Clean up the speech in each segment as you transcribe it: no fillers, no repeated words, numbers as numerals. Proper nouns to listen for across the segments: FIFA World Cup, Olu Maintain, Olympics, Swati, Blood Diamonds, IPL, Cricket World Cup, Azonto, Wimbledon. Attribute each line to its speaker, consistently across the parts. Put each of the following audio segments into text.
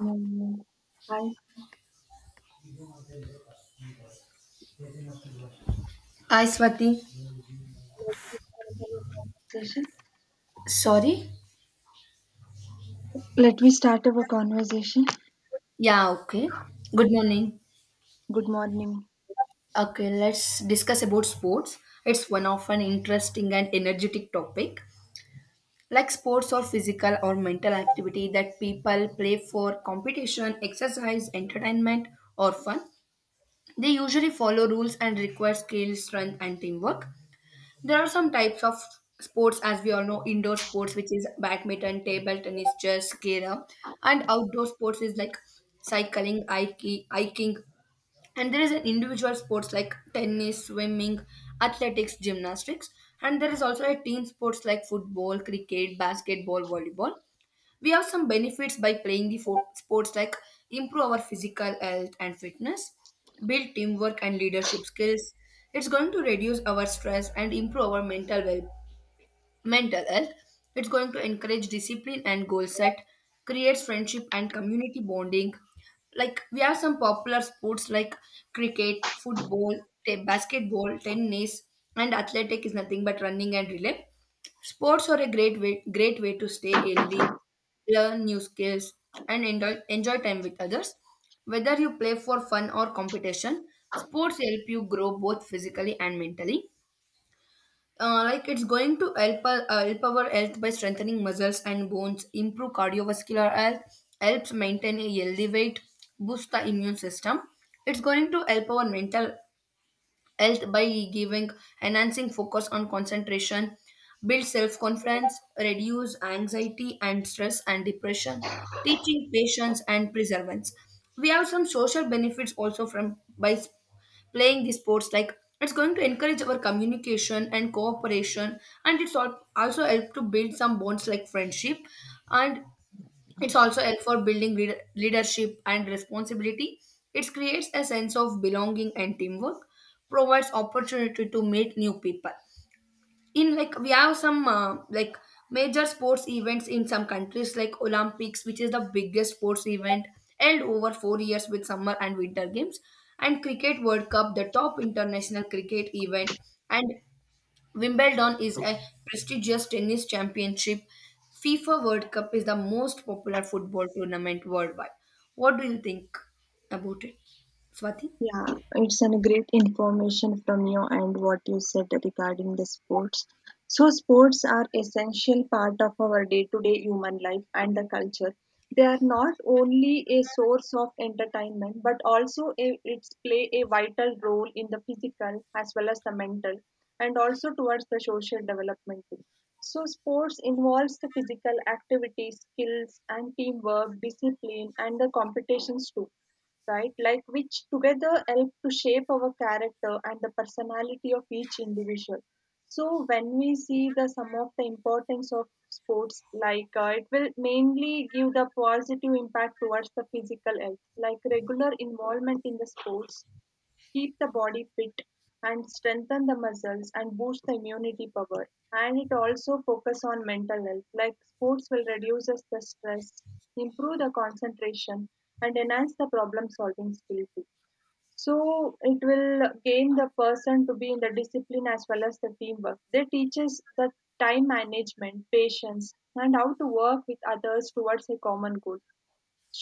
Speaker 1: Um, Hi,
Speaker 2: Hi, Swati.
Speaker 1: let me start our conversation.
Speaker 2: Sorry?
Speaker 1: Let me start our conversation.
Speaker 2: Yeah, okay. Good morning.
Speaker 1: Good morning.
Speaker 2: Okay, let's discuss about sports. It's one of an interesting and energetic topic. Like sports or physical or mental activity that people play for competition, exercise, entertainment, or fun. They usually follow rules and require skill, strength, and teamwork. There are some types of sports, as we all know, indoor sports, which is badminton, table tennis, chess, kera, and outdoor sports is like cycling, hiking, and there is an individual sports like tennis, swimming, athletics, gymnastics, and there is also a team sports like football, cricket, basketball, volleyball. We have some benefits by playing the sports like improve our physical health and fitness, build teamwork and leadership skills. It's going to reduce our stress and improve our mental health. It's going to encourage discipline and goal set, creates friendship and community bonding. Like we have some popular sports like cricket, football, basketball, tennis, and athletic is nothing but running and relay. Sports are a great way to stay healthy, learn new skills, and enjoy time with others. Whether you play for fun or competition, sports help you grow both physically and mentally. Like it's going to help, help our health by strengthening muscles and bones, improve cardiovascular health, helps maintain a healthy weight, boost the immune system. It's going to help our mental health by giving, enhancing focus on concentration, build self-confidence, reduce anxiety and stress and depression, teaching patience and perseverance. We have some social benefits also from playing these sports, like it's going to encourage our communication and cooperation, and also help to build some bonds like friendship, and it's also help for building leadership and responsibility. It creates a sense of belonging and teamwork, provides opportunity to meet new people. In like we have some like major sports events in some countries like Olympics, which is the biggest sports event held over 4 years with summer and winter games, and Cricket World Cup, the top international cricket event, and Wimbledon is a prestigious tennis championship. FIFA World Cup is the most popular football tournament worldwide. What do you think about it, Swati?
Speaker 1: Yeah, it's an great information from you and what you said regarding the sports. So sports are essential part of our day-to-day human life and the culture. They are not only a source of entertainment, but also a, it's play a vital role in the physical as well as the mental, and also towards the social development too. So sports involves the physical activity, skills, and teamwork, discipline, and the competitions too, right? Like which together help to shape our character and the personality of each individual. So when we see the some of the importance of sports, like it will mainly give the positive impact towards the physical health, like regular involvement in the sports keep the body fit and strengthen the muscles and boost the immunity power, and it also focus on mental health. Like sports will reduce us the stress, improve the concentration, and enhance the problem solving skill too. So it will gain the person to be in the discipline as well as the teamwork. They teaches the time management, patience, and how to work with others towards a common goal.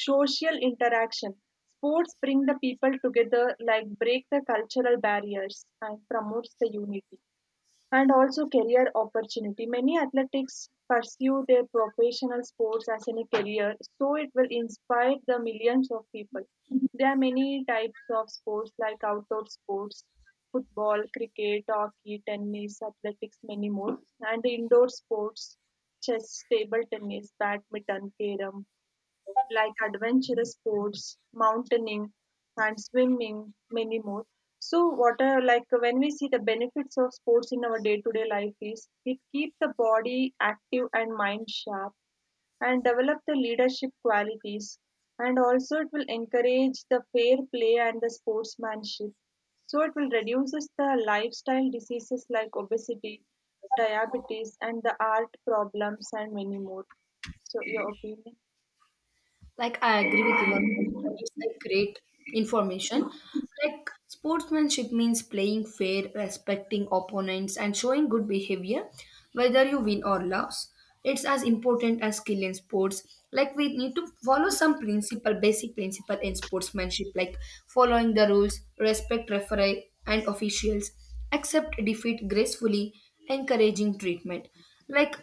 Speaker 1: Social interaction, sports bring the people together, like break the cultural barriers and promotes the unity. And also career opportunity, many athletics pursue their professional sports as in a career, so it will inspire the millions of people. There are many types of sports like outdoor sports, football, cricket, hockey, tennis, athletics, many more, and indoor sports, chess, table tennis, badminton, carrom, like adventurous sports, mountaineering, and swimming, many more. So, what are, like when we see the benefits of sports in our day to day life, is it keep the body active and mind sharp and develop the leadership qualities, and also it will encourage the fair play and the sportsmanship. So, it will reduces the lifestyle diseases like obesity, diabetes, and the heart problems and many more. So, your opinion?
Speaker 2: Like I agree with your point, and it's like great information. Like sportsmanship means playing fair, respecting opponents, and showing good behavior, whether you win or lose. It's as important as skill in sports. Like we need to follow some principle, basic principle in sportsmanship, like following the rules, respect referee and officials, accept defeat gracefully, encouraging treatment. Like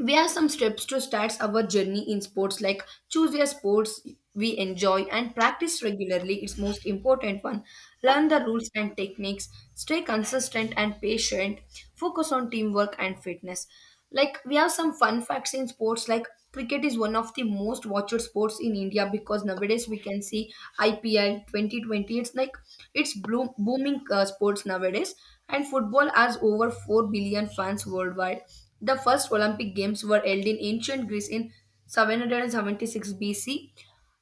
Speaker 2: where are some steps to start our journey in sports, like choose your sports we enjoy and practice regularly, it's most important one. Learn the rules and techniques, stay consistent and patient, focus on teamwork and fitness. Like we have some fun facts in sports, like cricket is one of the most watched sports in india because nowadays we can see ipl 2020. It's like it's booming sports nowadays, and football has over 4 billion fans worldwide. The first Olympic Games were held in ancient Greece in 776 BC.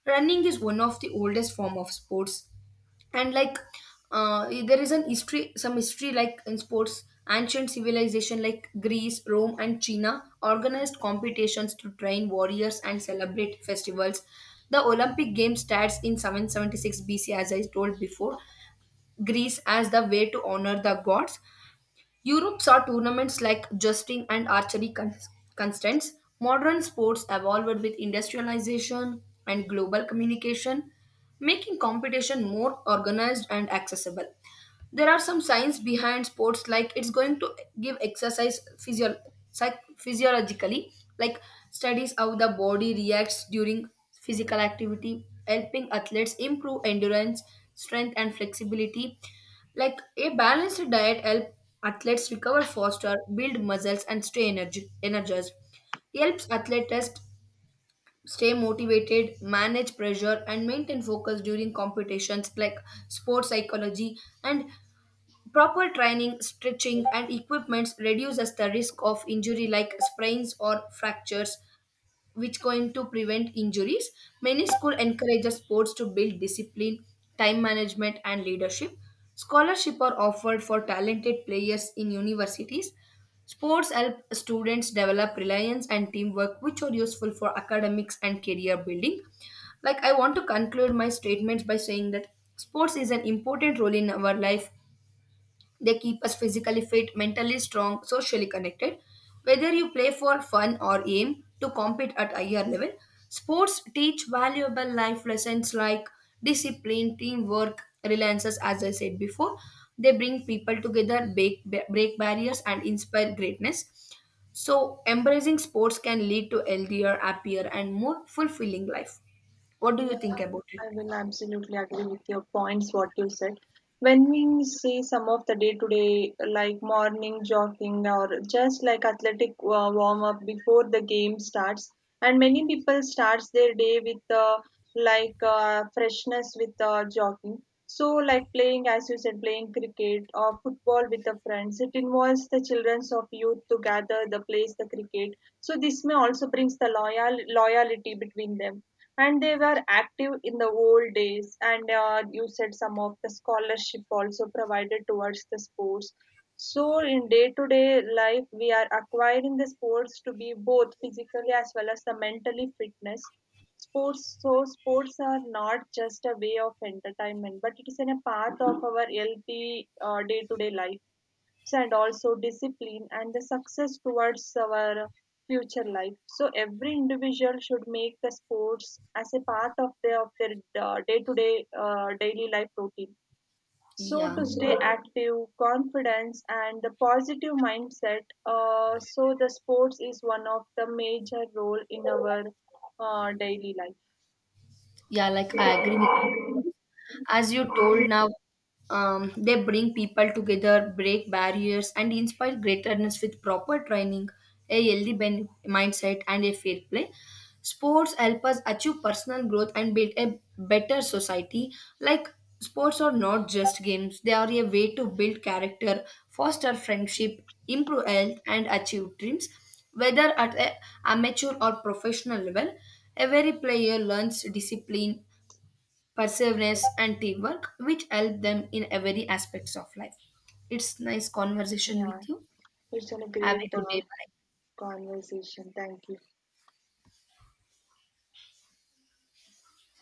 Speaker 2: Running is one of the oldest form of sports, and like there is an history, some history like in sports. Ancient civilization like Greece, Rome, and China organized competitions to train warriors and celebrate festivals. The Olympic Games starts in 776 BC, as I told before, Greece as the way to honor the gods. Europe saw tournaments like justing and archery constants. Modern sports evolved with industrialization and global communication, making competition more organized and accessible. There are some science behind sports, like it's going to give exercise physiologically, like studies how the body reacts during physical activity, helping athletes improve endurance, strength, and flexibility. Like a balanced diet helps athletes recover faster, build muscles, and energized. It helps athletes stay motivated, manage pressure, and maintain focus during competitions like sports psychology. And proper training, stretching, and equipment reduces the risk of injury like sprains or fractures, which going to prevent injuries. Many school encourages sports to build discipline, time management, and leadership. Scholarship are offered for talented players in universities. Sports help students develop reliance and teamwork, which are useful for academics and career building. Like I want to conclude my statements by saying that sports is an important role in our life. They keep us physically fit, mentally strong, socially connected. Whether you play for fun or aim to compete at higher level, sports teach valuable life lessons like discipline, teamwork, reliances, as I said before. They bring people together, break barriers, and inspire greatness. So, embracing sports can lead to healthier, happier, and more fulfilling life. What do you
Speaker 1: Yeah,
Speaker 2: think about it?
Speaker 1: I will absolutely agree with your points, what you said. When we say some of the day-to-day, like morning jogging or just like athletic warm-up before the game starts, and many people starts their day with like freshness with jogging. So, like playing, as you said, playing cricket or football with the friends, it involves the childrens of youth to gather the plays the cricket. So this may also brings the loyalty between them, and they were active in the old days. And you said some of the scholarship also provided towards the sports. So in day to day life we are acquiring the sports to be both physically as well as the mentally fitness sports. So sports are not just a way of entertainment, but it is in a path of our healthy day to day life, and also discipline and the success towards our future life. So every individual should make the sports as a part of their day-to-day daily life routine, so
Speaker 2: Yeah.
Speaker 1: to stay active, confidence, and the positive mindset. So the sports is one of the major role in our daily life.
Speaker 2: Yeah, like I agree with you. As you told now, they bring people together, break barriers, and inspire greatness with proper training, a healthy mindset, and a fair play. Sports help us achieve personal growth and build a better society. Like sports are not just games, they are a way to build character, foster friendship, improve health, and achieve dreams. Whether at a amateur or professional level, every player learns discipline, perseverance, and teamwork, which help them in every aspects of life. It's nice conversation
Speaker 1: Yeah,
Speaker 2: with you.
Speaker 1: it's a
Speaker 2: Have a
Speaker 1: great
Speaker 2: good day. Bye.